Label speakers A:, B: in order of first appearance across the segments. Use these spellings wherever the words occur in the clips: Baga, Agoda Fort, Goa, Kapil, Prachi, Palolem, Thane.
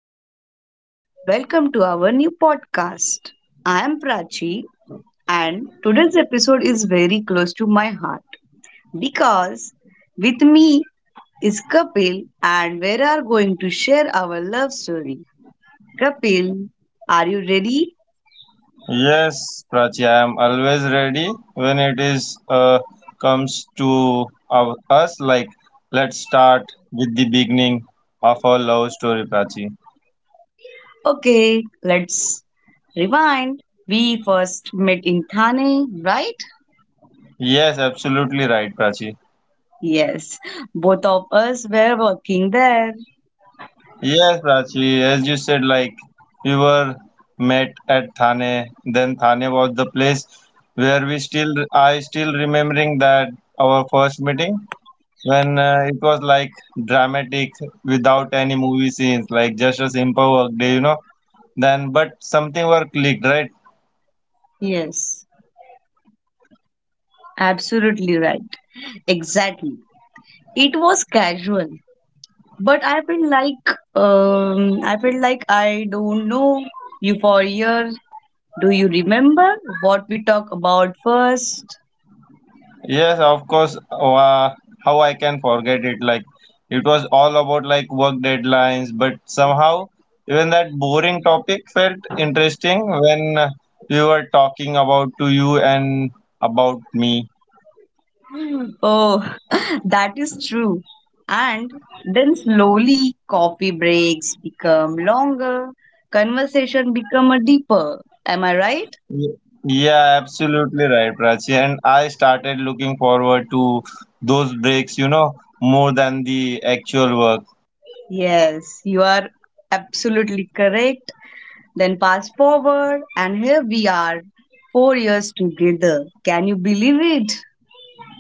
A: Good afternoon. Welcome to our new podcast. I am Prachi, and today's episode is very close to my heart because with me is Kapil, and we are going to share our love story. Kapil, are you ready?
B: Yes, Prachi, I am always ready when it is comes to our, us. Like, let's start with the beginning of our love story, Prachi.
A: Okay, let's rewind. We first met in Thane, right?
B: Yes, absolutely right, Prachi.
A: Yes, both of us were working there.
B: Yes, Prachi, as you said, like we were met at Thane. Then Thane was the place where I still remembering that our first meeting when it was like dramatic without any movie scenes, like just a simple work day. Then, but something were clicked, right?
A: Yes. Absolutely right. Exactly. It was casual, but I feel like I don't know you for years. Do you remember what we talked about first?
B: Yes, of course. How I can forget it? Like it was all about like work deadlines, but somehow even that boring topic felt interesting when we were talking about to you and about me.
A: Oh, that is true. And then slowly coffee breaks become longer, conversation become a deeper. Am I right?
B: Y- Yeah, absolutely right, Prachi. And I started looking forward to those breaks, you know, more than the actual work.
A: Yes, you are absolutely correct. Then fast forward, and here we are, 4 years together. Can you believe it?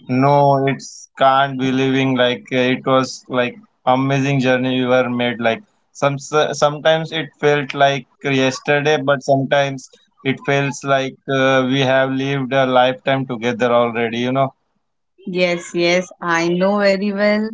B: No, it's can't be living like it was like amazing journey we were made. Like sometimes it felt like yesterday, but sometimes it feels like we have lived a lifetime together already. You know?
A: Yes, yes, I know very well.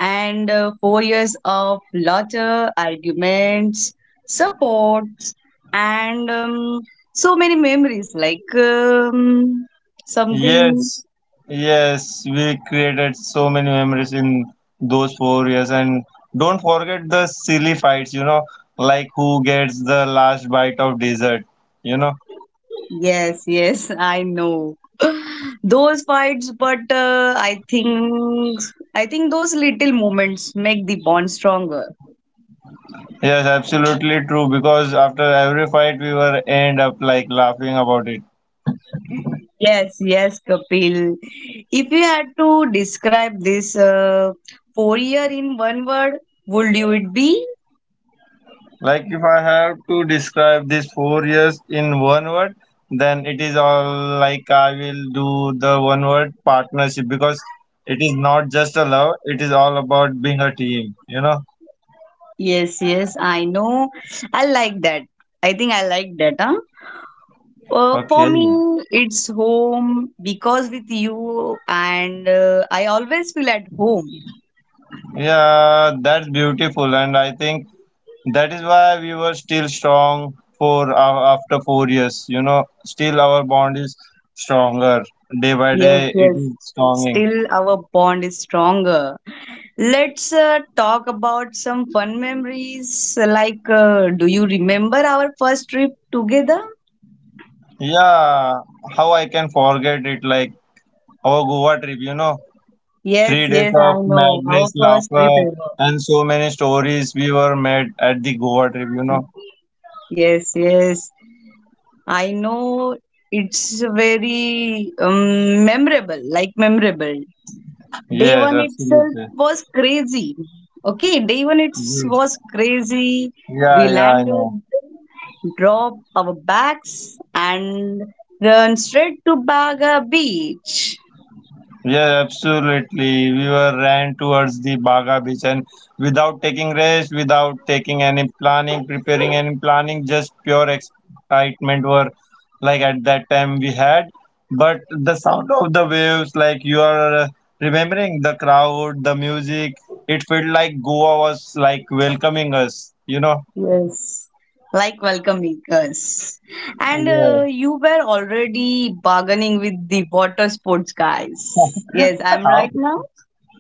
A: And 4 years of laughter, arguments, supports, and so many memories. Like something.
B: Yes, yes. We created so many memories in those 4 years, and don't forget the silly fights. You know, like who gets the last bite of dessert. You know.
A: Yes, yes, I know those fights. But I think those little moments make the bond stronger.
B: Yes, absolutely true. Because after every fight, we were end up like laughing about it.
A: Yes, yes, Kapil. If you had to describe this 4 year in one word, would you it be?
B: Like if I have to describe these 4 years in one word, then it is all like I will do the one word partnership because it is not just a love. It is all about being a team. You know.
A: Yes, yes, I know. I like that. I think I like that. Huh? For
B: Okay.
A: me, it's home because with you, and I always feel at home.
B: Yeah, that's beautiful, and I think that is why we were still strong for after 4 years. You know, still our bond is stronger day by day.
A: Yes,
B: It is
A: yes.
B: stronging.
A: Still, our bond is stronger. Let's talk about some fun memories. Like, do you remember our first trip together?
B: Yeah, how I can forget it? Like our Goa trip. You know,
A: Yes,
B: 3 days
A: yes, I
B: of
A: know. Our
B: madness,
A: first
B: laughter,
A: trip ever.
B: and so many stories we were made at the Goa trip. You know.
A: Yes, yes. I know it's very memorable, like memorable. Day
B: Yes,
A: one itself
B: absolutely.
A: was crazy. Okay, day one it
B: Yes.
A: was crazy.
B: Yeah,
A: We
B: yeah, I know.
A: landed, dropped our bags, and run straight to Baga Beach.
B: Yeah, absolutely. We were ran towards the Baga beach and without taking rest, without taking any planning, preparing any planning, just pure excitement were like at that time we had. But the sound of the waves, like you are remembering the crowd, the music, it felt like Goa was like welcoming us, you know?
A: Yes, like welcome makers. And
B: Yeah.
A: you were already bargaining with the water sports guys. Yes, I'm
B: How.
A: right now.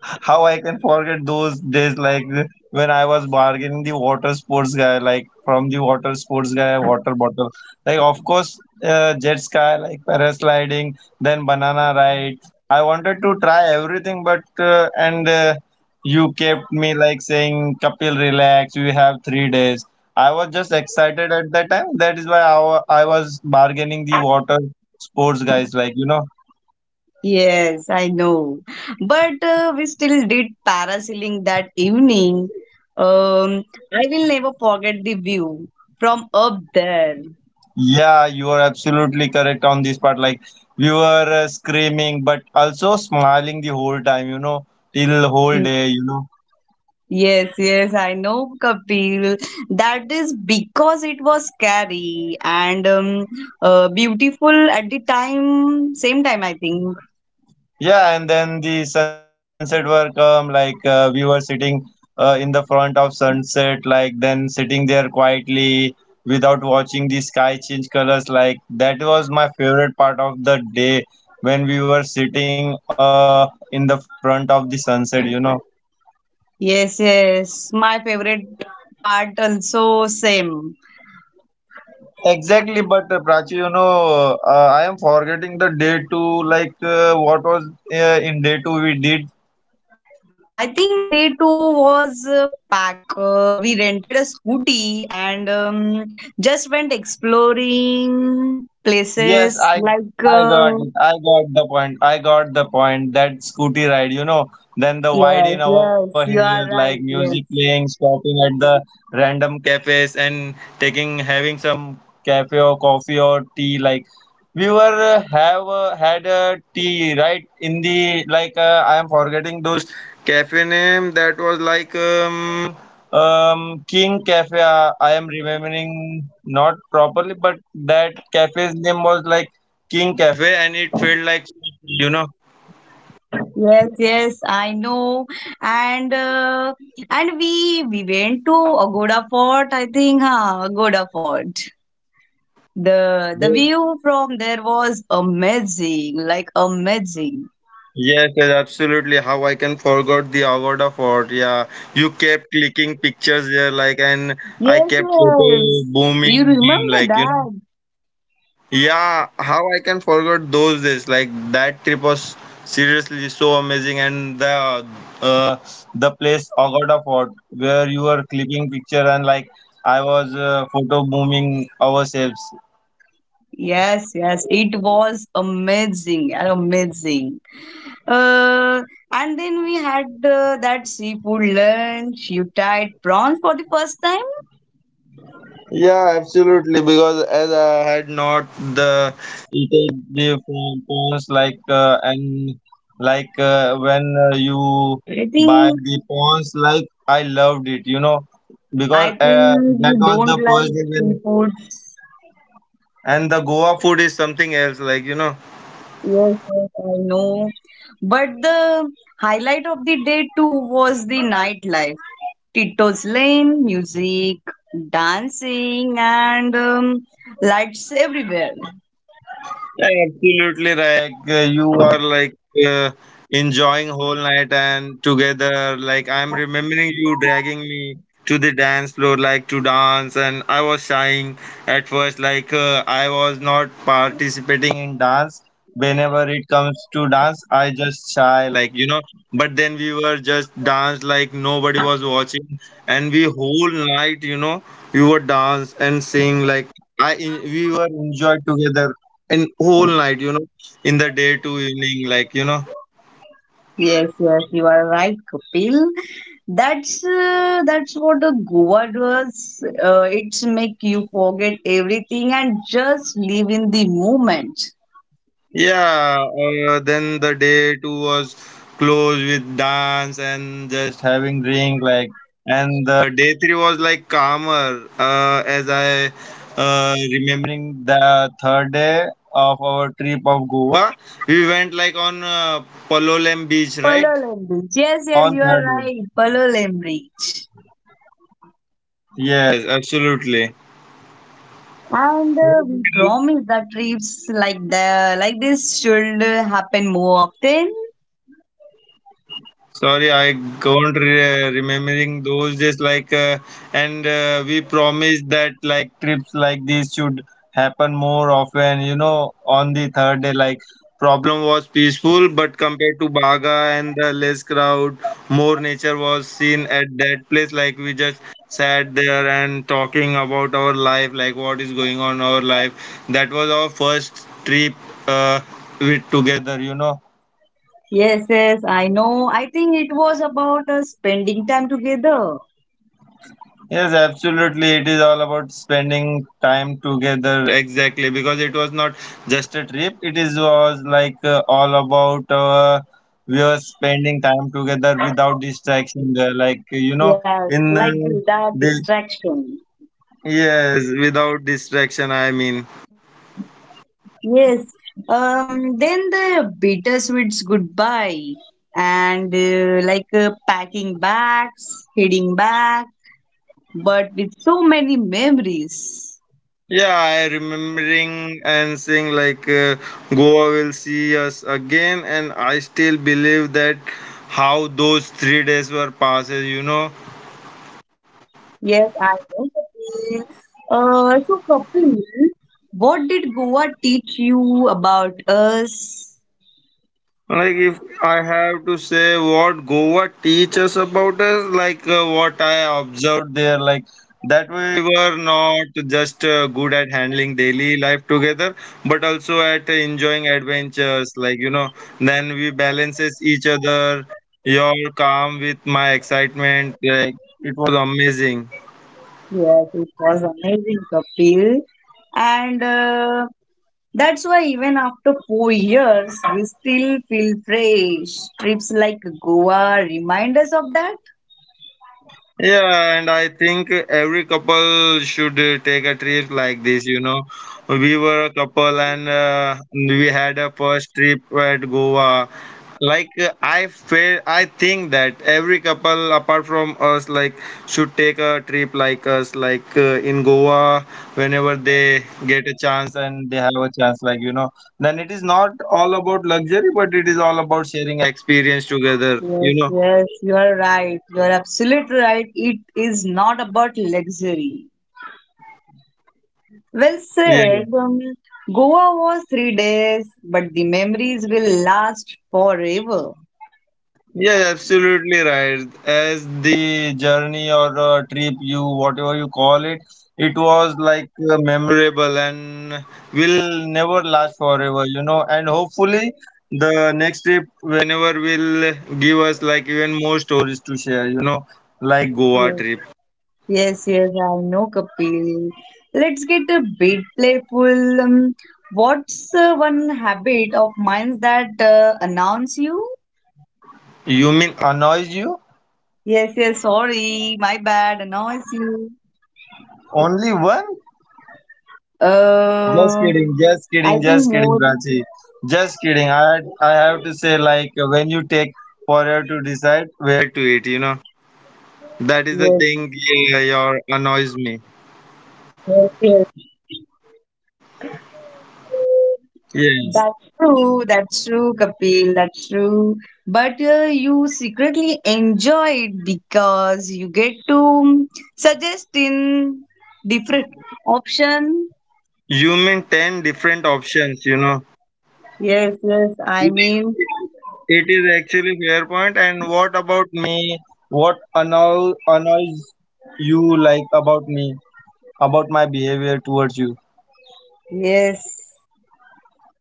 B: How I can forget those days like when I was bargaining the water sports guy, like from the water sports guy, water bottle. Like, of course, jet ski, like parasliding, then banana ride. I wanted to try everything, but and you kept me like saying, Kapil, relax, you have 3 days. I was just excited at that time. That is why I was bargaining the water sports guys, like, you know.
A: Yes, I know. But we still did parasailing that evening. Um, I will never forget the view from up there.
B: Yeah, you are absolutely correct on this part. Like we were screaming, but also smiling the whole time, you know, till whole
A: Y-
B: day, you know.
A: Yes, yes, I know, Kapil. That is because it was scary and beautiful at the time, same time, I think.
B: Yeah, and then the sunset were come. Like we were sitting in the front of sunset, like then sitting there quietly without watching the sky change colors. Like that was my favorite part of the day when we were sitting in the front of the sunset, you know.
A: Yes, yes, my favorite part also same.
B: Exactly, but Prachi, you know, I am forgetting the day two. Like, what was in day two we did?
A: I think day two was packed. We rented a scooty and just went exploring
B: Yes,
A: places
B: I
A: like.
B: I got it. I got the point. I got the point. That scooty ride, you know, then the
A: Yes,
B: wide in over
A: yes,
B: here,
A: you are
B: like
A: right.
B: music
A: Yes,
B: playing, stopping at the random cafes and taking having some cafe or coffee or tea. Like we were have had a tea right in the like I am forgetting those cafe name that was like King Cafe, I am remembering not properly, but that cafe's name was like King Cafe, and it felt like, you know.
A: yes, yes. I know. And uh, and we went to Agoda Fort. I think, huh? Agoda Fort. The
B: the-
A: view from there was amazing, like amazing.
B: Yes, yes, absolutely. How I can forgot the Agoda Fort. Yeah, you kept clicking pictures there, like, and I
A: Yes,
B: kept photo
A: yes. You
B: booming,
A: remember
B: like, you know.
A: that?
B: Yeah, how I can forget those days? Like that trip was seriously so amazing, and uh, the place Agoda Fort where you were clipping picture and like I was photo booming ourselves.
A: Yes, yes, it was amazing, and amazing. Uh, and then we had that seafood lunch. You tried prawns for the first time.
B: Yeah, absolutely. Because as I had not the eaten the phones like and like when you
A: I
B: buy
A: think,
B: the phones, like I loved it. You know because
A: I think
B: that
A: you
B: was the
A: don't
B: first
A: like
B: day when.
A: seafood. Yes,
B: And the Goa food is something else. Like, you know.
A: yes, I know. But the highlight of the day too was the nightlife. Tito's Lane, music, dancing, and lights everywhere.
B: Absolutely right. You are like uh, enjoying whole night and together. Like I'm remembering you dragging me to the dance floor, like to dance, and I was shying at first. Like I was not participating in dance. Whenever it comes to dance, I just shy, like you know. But then we were just dance, like nobody was watching, and we whole night, you know, we were dance and sing, like I we were enjoyed together and whole night you know in the day to evening like you know.
A: Yes, yes, you are right, Kapil. That's what the Goa does. It's make you forget everything and just live in the moment.
B: Yeah, then the day two was closed with dance and just having drink like and the day three was like calmer as I remembering the third day of our trip of Goa. We went like on palolem beach right
A: Palolem Beach. Yes, yes,
B: on
A: you are
B: third day,
A: right. Palolem Beach.
B: yes absolutely.
A: And we promise that trips like this should happen more often.
B: Sorry, I can't remembering those days. Like, and we promised that like trips like these should happen more often. You know, on the third day, like problem was peaceful, but compared to Baga and the less crowd, more nature was seen at that place. Like we just sat there and talking about our life, like what is going on in our life. That was our first trip uh, with together. You know.
A: Yes, yes, I know. I think it was about spending time together.
B: Yes, absolutely. It is all about spending time together. Exactly, because it was not just a trip. It is was like all about we were spending time together without distraction. There, like you know,
A: Yes,
B: in
A: like without
B: the
A: distraction.
B: yes, without distraction. I mean,
A: Yes. Then the bittersweet's goodbye and packing bags, heading back, but with so many memories.
B: yeah, I remembering and saying like Goa will see us again, and I still believe that how those 3 days were passes. You know.
A: Yes, I know. Kapil. So, Kapil, what did Goa teach you about us?
B: Like if I have to say what Goa teaches about us, like what I observed there, like that we were not just good at handling daily life together, but also at enjoying adventures. Like you know, then we balances each other. Your calm with my excitement. Like it was amazing.
A: Yes, it was amazing, Kapil. And that's why even after 4 years, we still feel fresh. Trips like Goa remind us of that.
B: Yeah, and I think every couple should take a trip like this. You know, we were a couple and we had a first trip at Goa. Like I think that every couple apart from us, like, should take a trip like us, like in Goa, whenever they get a chance and they have a chance, like you know. Then it is not all about luxury, but it is all about sharing experience together.
A: Yes,
B: You know.
A: yes, you are right. You are absolutely right. It is not about luxury. Well
B: Yeah. Yeah.
A: said. Goa was 3 days, but the memories will last forever.
B: Yeah, yeah, absolutely right. As the journey or trip, you whatever you call it, it was like memorable and will never last forever, you know. And hopefully, the next trip, whenever will give us like even more stories to share, you know, like Goa
A: Yes.
B: trip.
A: Yes, yes, I know, Kapil. Let's get a bit playful. What's one habit of mine that announce you?
B: You mean annoys you?
A: Yes, yes, sorry, my bad, annoys you.
B: Only one? Just
A: Uh,
B: kidding, just
A: I
B: kidding,
A: think
B: just kidding,
A: more.
B: Prachi. Just kidding. I have to say like when you take forever to decide where to eat, you know. That is the
A: Yes,
B: thing, yeah, your annoys me.
A: yes, yes.
B: Yes.
A: That's true, Kapil, that's true. But you secretly enjoy it because you get to suggest in different option.
B: You mean ten different options, you know.
A: Yes, yes, I
B: It
A: mean,
B: is it is actually fair point. And what about me? What annoy, annoys you like about me? About my behavior towards you?
A: yes.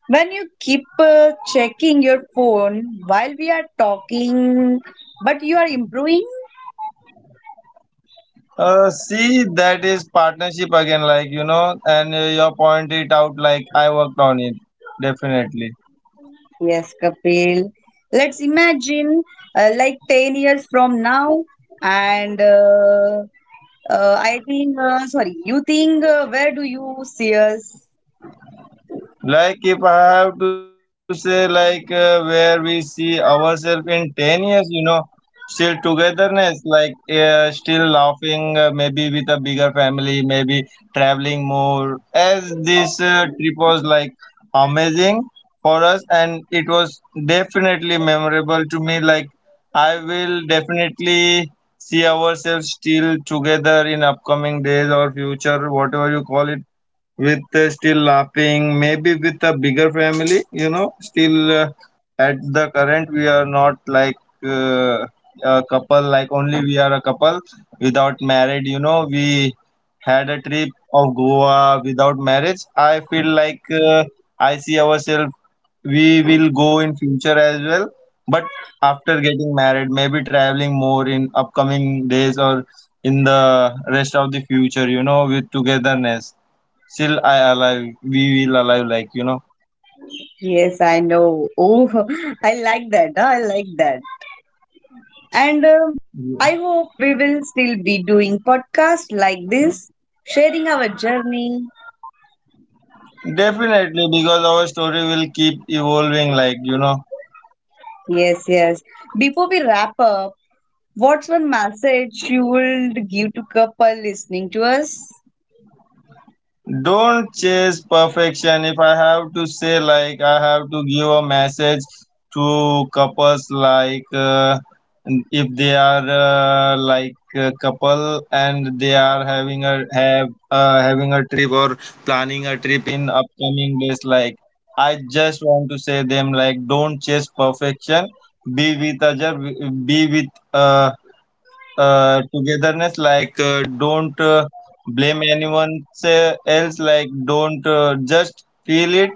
A: When you keep checking your phone while we are talking, but you are improving?
B: See, that is partnership again, like you know, and your point it out, like I worked on it, definitely.
A: Yes, Kapil. Let's imagine like 10 years from now, and I think, sorry, you think, where do you see us?
B: Like if I have to say, like where we see ourselves in 10 years, you know, still togetherness, like still laughing, maybe with a bigger family, maybe traveling more. As this trip was like amazing for us, and it was definitely memorable to me. Like I will definitely see ourselves still together in upcoming days or future, whatever you call it, with still laughing maybe with a bigger family you know still at the current we are not like uh, a couple like only we are a couple without married you know we had a trip of Goa without marriage. I feel like I see ourselves we will go in future as well, but after getting married maybe traveling more in upcoming days or in the rest of the future you know with togetherness still I alive. We will alive, like you know.
A: Yes, I know. Oh, I like that. Huh? I like that. And I hope we will still be doing podcasts like this, sharing our journey.
B: Definitely, because our story will keep evolving, like you know.
A: Yes, yes. Before we wrap up, what's one message you would give to couple listening to us?
B: Don't chase perfection. If I have to say, like, I have to give a message to couples, like, if they are like a couple and they are having a trip or planning a trip in upcoming days, like, I just want to say them, like, don't chase perfection. Be with other, be with uh, togetherness, like, don't blame anyone else, like, don't just feel it,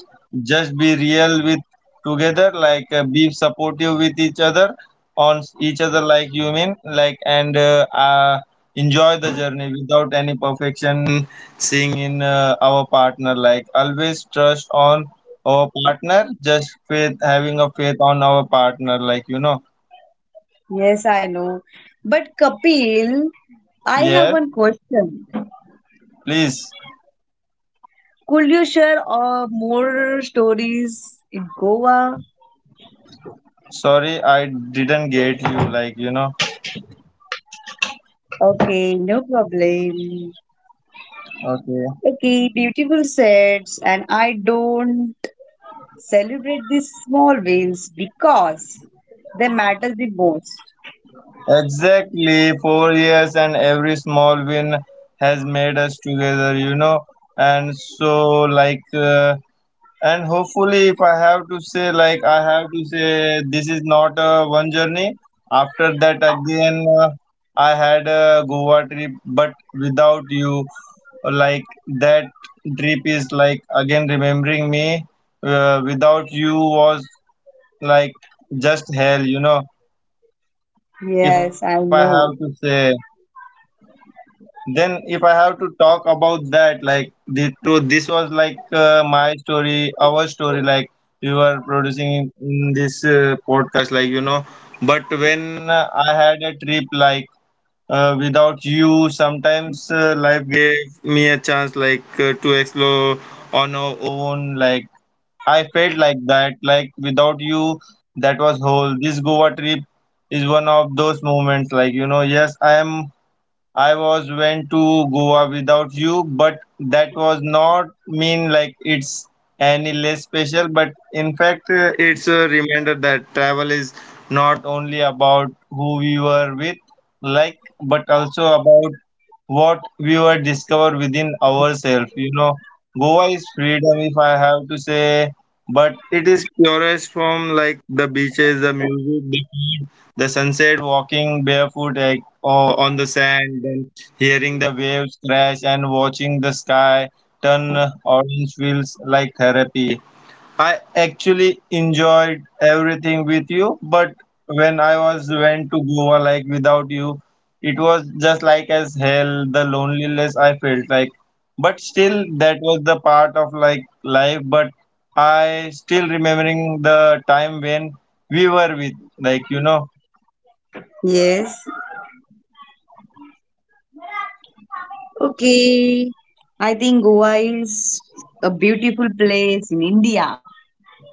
B: just be real with together, like, be supportive with each other on each other, like, you mean, like, and enjoy the journey without any perfection seeing in our partner, like, always trust on our partner, just faith, having a faith on our partner, like, you know.
A: Yes, I know. But Kapil, I have
B: Yeah,
A: one question.
B: please.
A: Could you share more stories in Goa?
B: Sorry, I didn't get you, like, you know.
A: Okay, no problem.
B: Okay.
A: Okay, beautiful sets, and I don't celebrate these small wins because they matter the most.
B: Exactly, 4 years, and every small win has made us together, you know. And so, like, and hopefully, if I have to say, like, I have to say, this is not a one journey. After that, again, I had a Goa trip, but without you, like, that trip is like again remembering me. Without you was like just hell, you know. If I
A: Yes, I
B: have to
A: know.
B: say, then if I have to talk about that, like, the truth, this was like my story, our story, like, we were producing in this podcast, like, you know. But when I had a trip, like, without you, sometimes life gave me a chance, like, to explore on our own, like, I felt like that, like, without you, that was whole. This Goa trip is one of those moments, like, you know. Yes, I am. I was went to Goa without you, but that was not mean like it's any less special. But in fact, it's a reminder that travel is not only about who we were with, like, but also about what we were discovered within ourselves. You know, Goa is freedom, if I have to say, but it is purest, from like the beaches, the music, the food, the sunset, walking barefoot, like, on the sand, then hearing the waves crash and watching the sky turn orange feels like therapy. I actually enjoyed everything with you, but when I was went to Goa, like, without you, it was just like as hell, the loneliness I felt, like. But still that was the part of like life, but I still remembering the time when we were with, like, you know.
A: Yes. Okay. I think Goa is a beautiful place in India.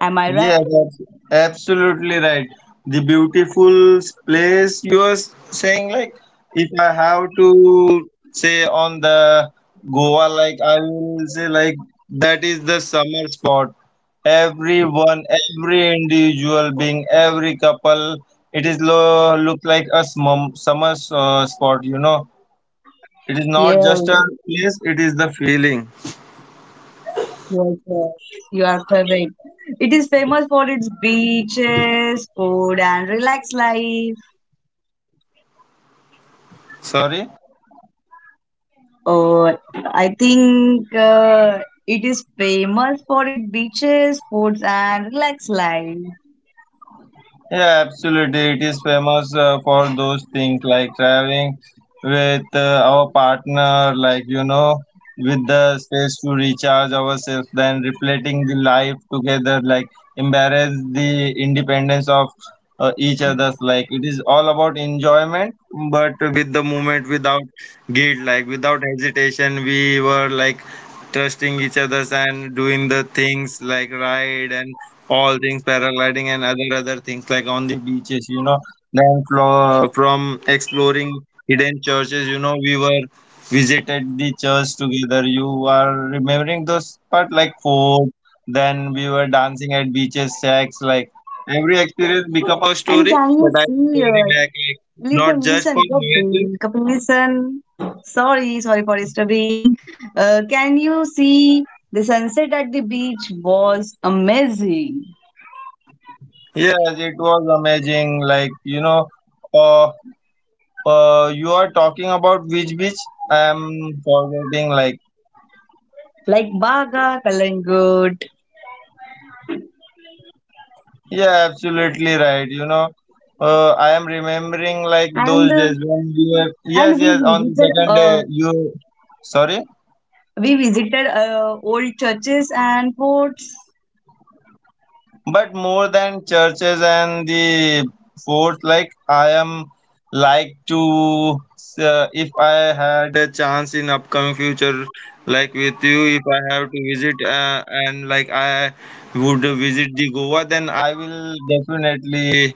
A: Am I
B: Yes,
A: right?
B: absolutely right. The beautiful place you are saying, like, if I have to say on the Goa, like, I will say, like, that is the summer spot. Everyone, every individual being, every couple, it is lo look like a smum summer spot, you know. It is not just
A: Yes,
B: a place, it is the feeling.
A: yes, yes. You are correct. It is famous for its beaches, food, and relaxed life.
B: Sorry?
A: Oh, I think it is famous for its beaches, foods, and relaxed life.
B: Yeah, absolutely. It is famous for those things, like traveling with our partner, like, you know, with the space to recharge ourselves, then reflecting the life together, like, embrace the independence of each other's. Like, it is all about enjoyment, but with the moment, without guilt, like, without hesitation, we were like trusting each other's and doing the things like ride and all things, paragliding and other things, like, on the beaches, you know. Then from exploring hidden churches, you know, we were visited the church together, you are remembering those part, like food. Then we were dancing at beaches sex, like every experience become a
A: And
B: story,
A: can you
B: but I
A: see?
B: carry back, like, not
A: Listen,
B: just for
A: listen,
B: myself.
A: Kapil, Kapil, listen. Sorry, sorry for disturbing. Can you see the sunset at the beach was amazing,
B: Yes, it was amazing, like, you know. uh, you are talking about which beach? I am forgetting, like.
A: like Baga, Kalangut,
B: Yeah, absolutely right. You know, I am remembering, like,
A: and
B: those days when we were, yes,
A: and we
B: yes, on the
A: visited
B: second
A: uh
B: day, you, sorry,
A: we visited old churches and forts.
B: but more than churches and the fourth, like, I am like to, if I had a chance in upcoming future, like, with you, if I have to visit and, like, I would visit the Goa, then I will definitely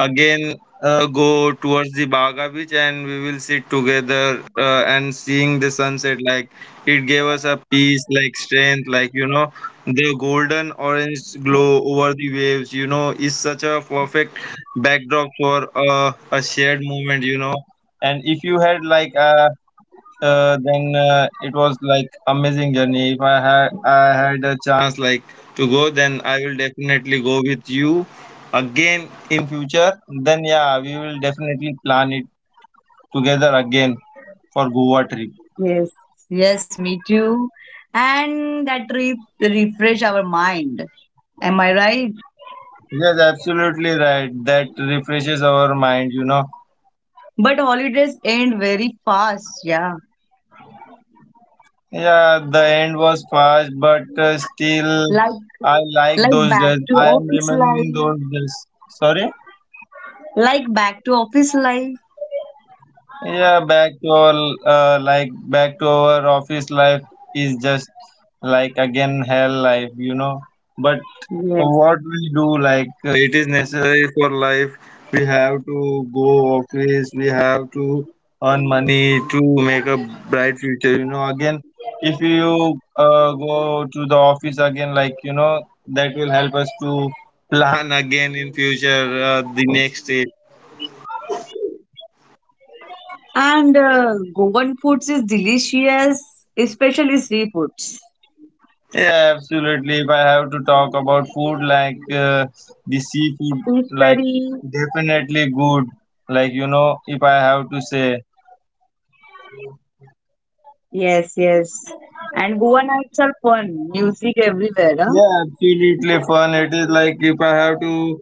B: again go towards the Baga beach and we will sit together and seeing the sunset, like, it gave us a peace, like strength, like, you know, the golden orange glow over the waves, you know, is such a perfect backdrop for a shared moment, you know. And if you had like a then it was like amazing journey. If I had a chance, like, to go, then I will definitely go with you again in future. Then, yeah, we will definitely plan it together again for Goa trip.
A: Yes, yes, me too. And that trip refresh our mind. Am I right?
B: Yes, absolutely right, that refreshes our mind, you know.
A: But holidays end very fast, yeah.
B: Yeah, the end was fast, but still
A: Like
B: I like
A: like
B: those
A: back
B: days,
A: to
B: I am
A: office
B: remembering
A: life.
B: those days. Sorry?
A: Like back to office life.
B: Yeah, back to all, like back to our office life is just like again hell life, you know. But
A: Yes.
B: what we do, like it is necessary for life. We have to go office. We have to earn money to make a bright future. You know, again, if you go to the office again, like, you know, that will help us to plan again in future the next day.
A: And Goan foods is delicious, especially seafoods.
B: Yeah, absolutely. If I have to talk about food, like the seafood,
A: Fish
B: like,
A: curry.
B: definitely good. Like, you know, if I have to say,
A: Yes, yes. And Goa nights are fun. Music everywhere. Huh?
B: yeah, absolutely fun. It is like if I have to,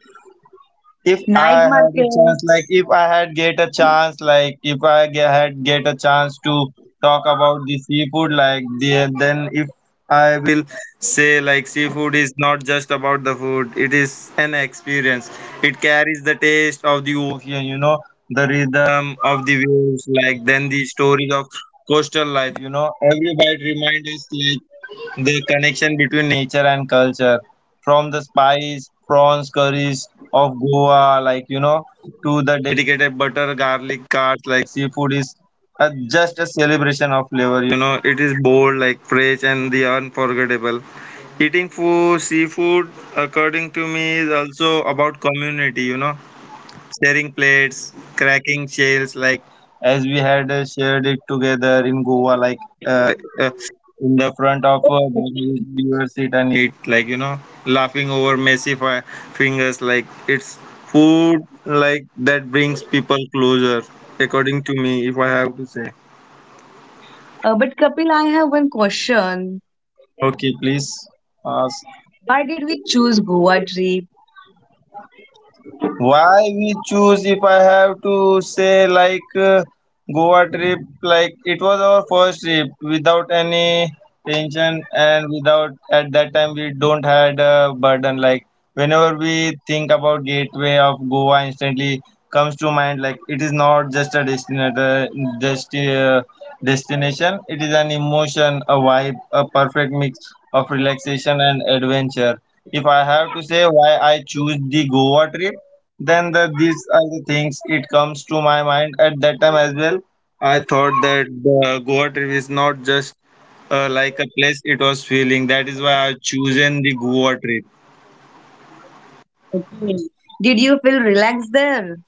B: if I
A: Night
B: had a chance, like
A: markets.
B: if I had get a chance, like if I had get a chance to talk about the seafood, like the, then if I will say, like, seafood is not just about the food; it is an experience. It carries the taste of the ocean, you know, the rhythm of the waves, like then the stories of coastal life. You know, every bite reminds us, like, the connection between nature and culture, from the spice prawns curries of Goa, like, you know, to the dedicated butter garlic carts, like seafood is just a celebration of flavor. You know, it is bold, like fresh, and the unforgettable. Eating food, seafood, according to me, is also about community. You know, sharing plates, cracking shells, like as we had shared it together in Goa, like uh, uh, in the front of we were sit and eat, like, you know, laughing over messy fingers, like it's food like that brings people closer. According to me, if I have to say,
A: But Kapil, I have one question.
B: okay, please. Ask.
A: Why did we choose Goa trip?
B: Why we choose, if I have to say, like Goa trip, like, it was our first trip without any tension, and without, at that time, we don't had a burden, like, whenever we think about gateway of Goa instantly comes to mind, like, it is not just a destination, just a destination, it is an emotion, a vibe, a perfect mix of relaxation and adventure. If I have to say why I choose the Goa trip, then the, these are the things it comes to my mind at that time as well. I thought that the Goa trip is not just like a place, it was feeling, that is why I chosen the Goa trip.
A: Okay. Did you feel relaxed there?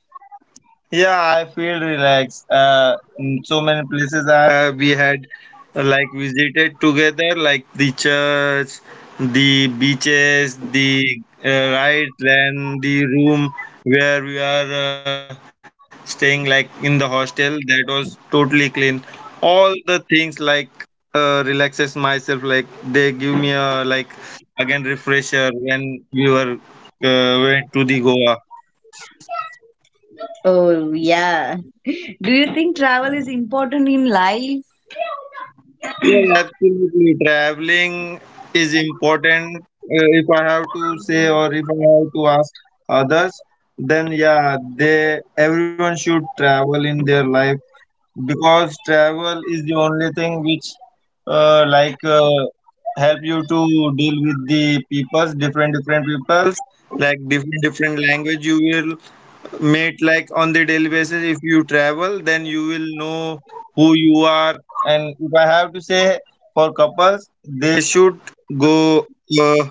B: Yeah, I feel relaxed. In so many places we had like visited together, like the church, the beaches, the right land, the room where we are staying, like in the hostel, that was totally clean. All the things like relaxes myself, like they give me a, like, again refresher when we were went to the Goa.
A: Oh, yeah. Do you think travel is important in life?
B: Yeah, absolutely. Traveling is important. If I have to say, or if I have to ask others, then yeah, they everyone should travel in their life because travel is the only thing which, like, help you to deal with the peoples, different different peoples, like different different language you will mate, like on the daily basis, if you travel, then you will know who you are. And if I have to say for couples, they should go uh,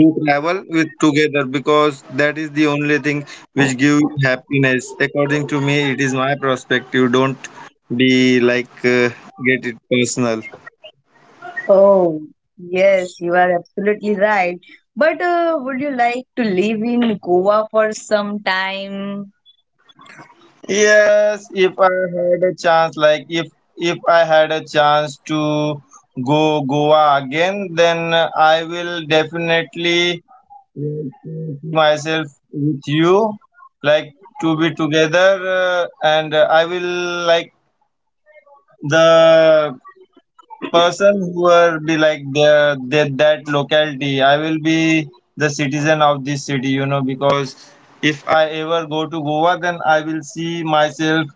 B: do travel with together because that is the only thing which give you happiness. According to me, it is my perspective, don't be like get it personal.
A: Oh, yes, you are absolutely right. But would you like to live in Goa for some time?
B: Yes, if I had a chance, like, if I had a chance to go Goa again, then I will definitely, like, see myself with you, like, to be together, and I will, like, the person who will be, like, the that locality, I will be the citizen of this city, you know, because if I ever go to Goa, then I will see myself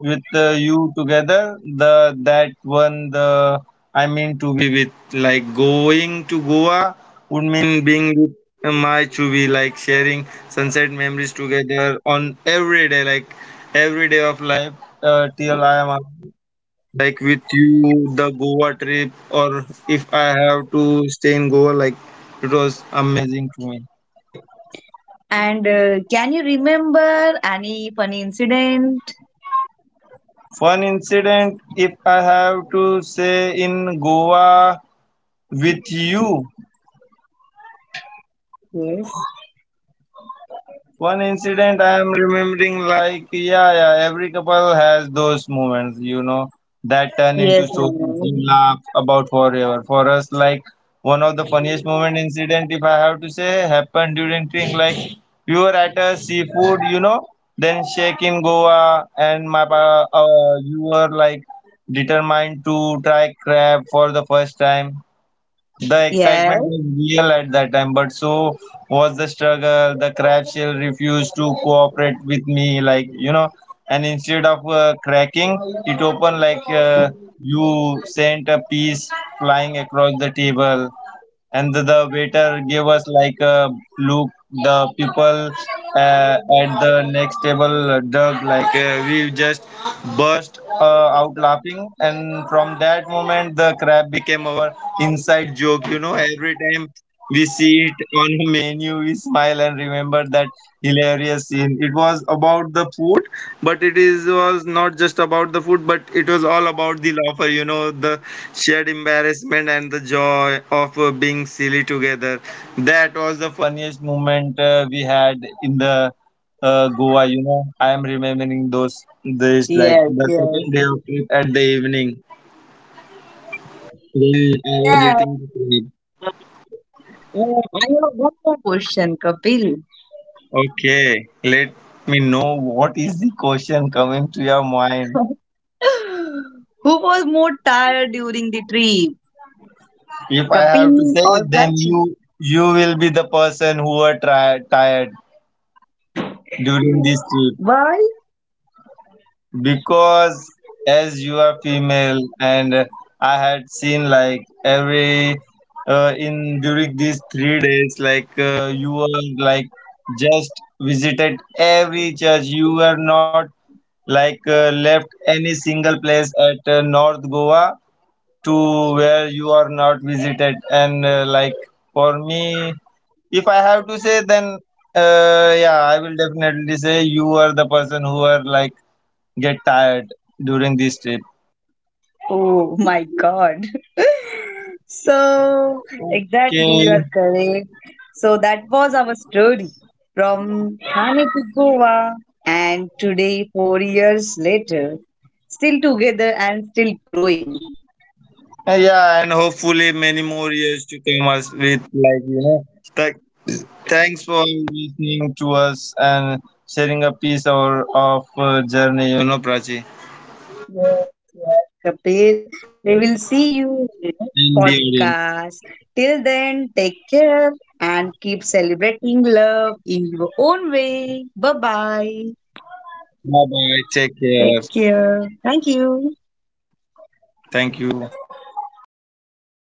B: with you together, the that one, the I mean to be with, like, going to Goa would mean being with my chubi, like sharing sunset memories together on every day, like every day of life, till I am, like, with you. The Goa trip, or if I have to stay in Goa, like, it was amazing to me.
A: And can you remember any funny incident?
B: One incident, if I have to say, in Goa with you.
A: Yes.
B: One incident I am remembering, like, yeah, yeah, every couple has those moments, you know, that turn into
A: Yes, I
B: stories
A: know.
B: you laugh about forever. For us, like, one of the funniest moment incident, if I have to say, happened during trip. Like, we were at a seafood, you know, then shake in Goa, and my pa, you were like determined to try crab for the first time. The
A: Yes,
B: excitement was real at that time, but so was the struggle. The crab shell refused to cooperate with me, like, you know, and instead of cracking, it opened, like you sent a piece flying across the table, and the waiter gave us like a look, the people at the next table dug, like we just burst out laughing. And from that moment the crab became our inside joke, you know. Every time we see it on the menu, we smile and remember that hilarious scene. It was about the food, but it is was not just about the food, but it was all about the laughter, you know, the shared embarrassment and the joy of being silly together. That was the funniest moment we had in the Goa. You know, I am remembering those, this like
A: yes,
B: the
A: yes.
B: second day of trip at the evening when I was
A: Yeah.
B: eating the food.
A: Yeah, I have one more question, Kapil.
B: Okay, let me know what is the question coming to your mind.
A: Who was more tired during the trip,
B: If I have to
A: Kapil
B: say,
A: or
B: then
A: Prachi?
B: you will be the person who are tired during this trip.
A: Why?
B: Because as you are female and I had seen like every in during these 3 days like you were like just visited every church, you were not like left any single place at north Goa to where you are not visited, and like for me if I have to say, then yeah I will definitely say you are the person who are like get tired during this trip.
A: Oh my God. So, exactly, you
B: Okay.
A: are correct. So, that was our story from Thane to Goa, and today, 4 years later, still together and still growing.
B: Yeah, and hopefully many more years to come us with, like, you know. Th- thanks for listening to us and sharing a piece of journey. You know, Prachi
A: Yes, yes, Kapil.
B: and the
A: We will
B: audience.
A: see you in the next podcast. Till then, take care and keep celebrating love in your own way. Bye bye.
B: Bye bye. Take care.
A: Take care. Thank you.
B: Thank you.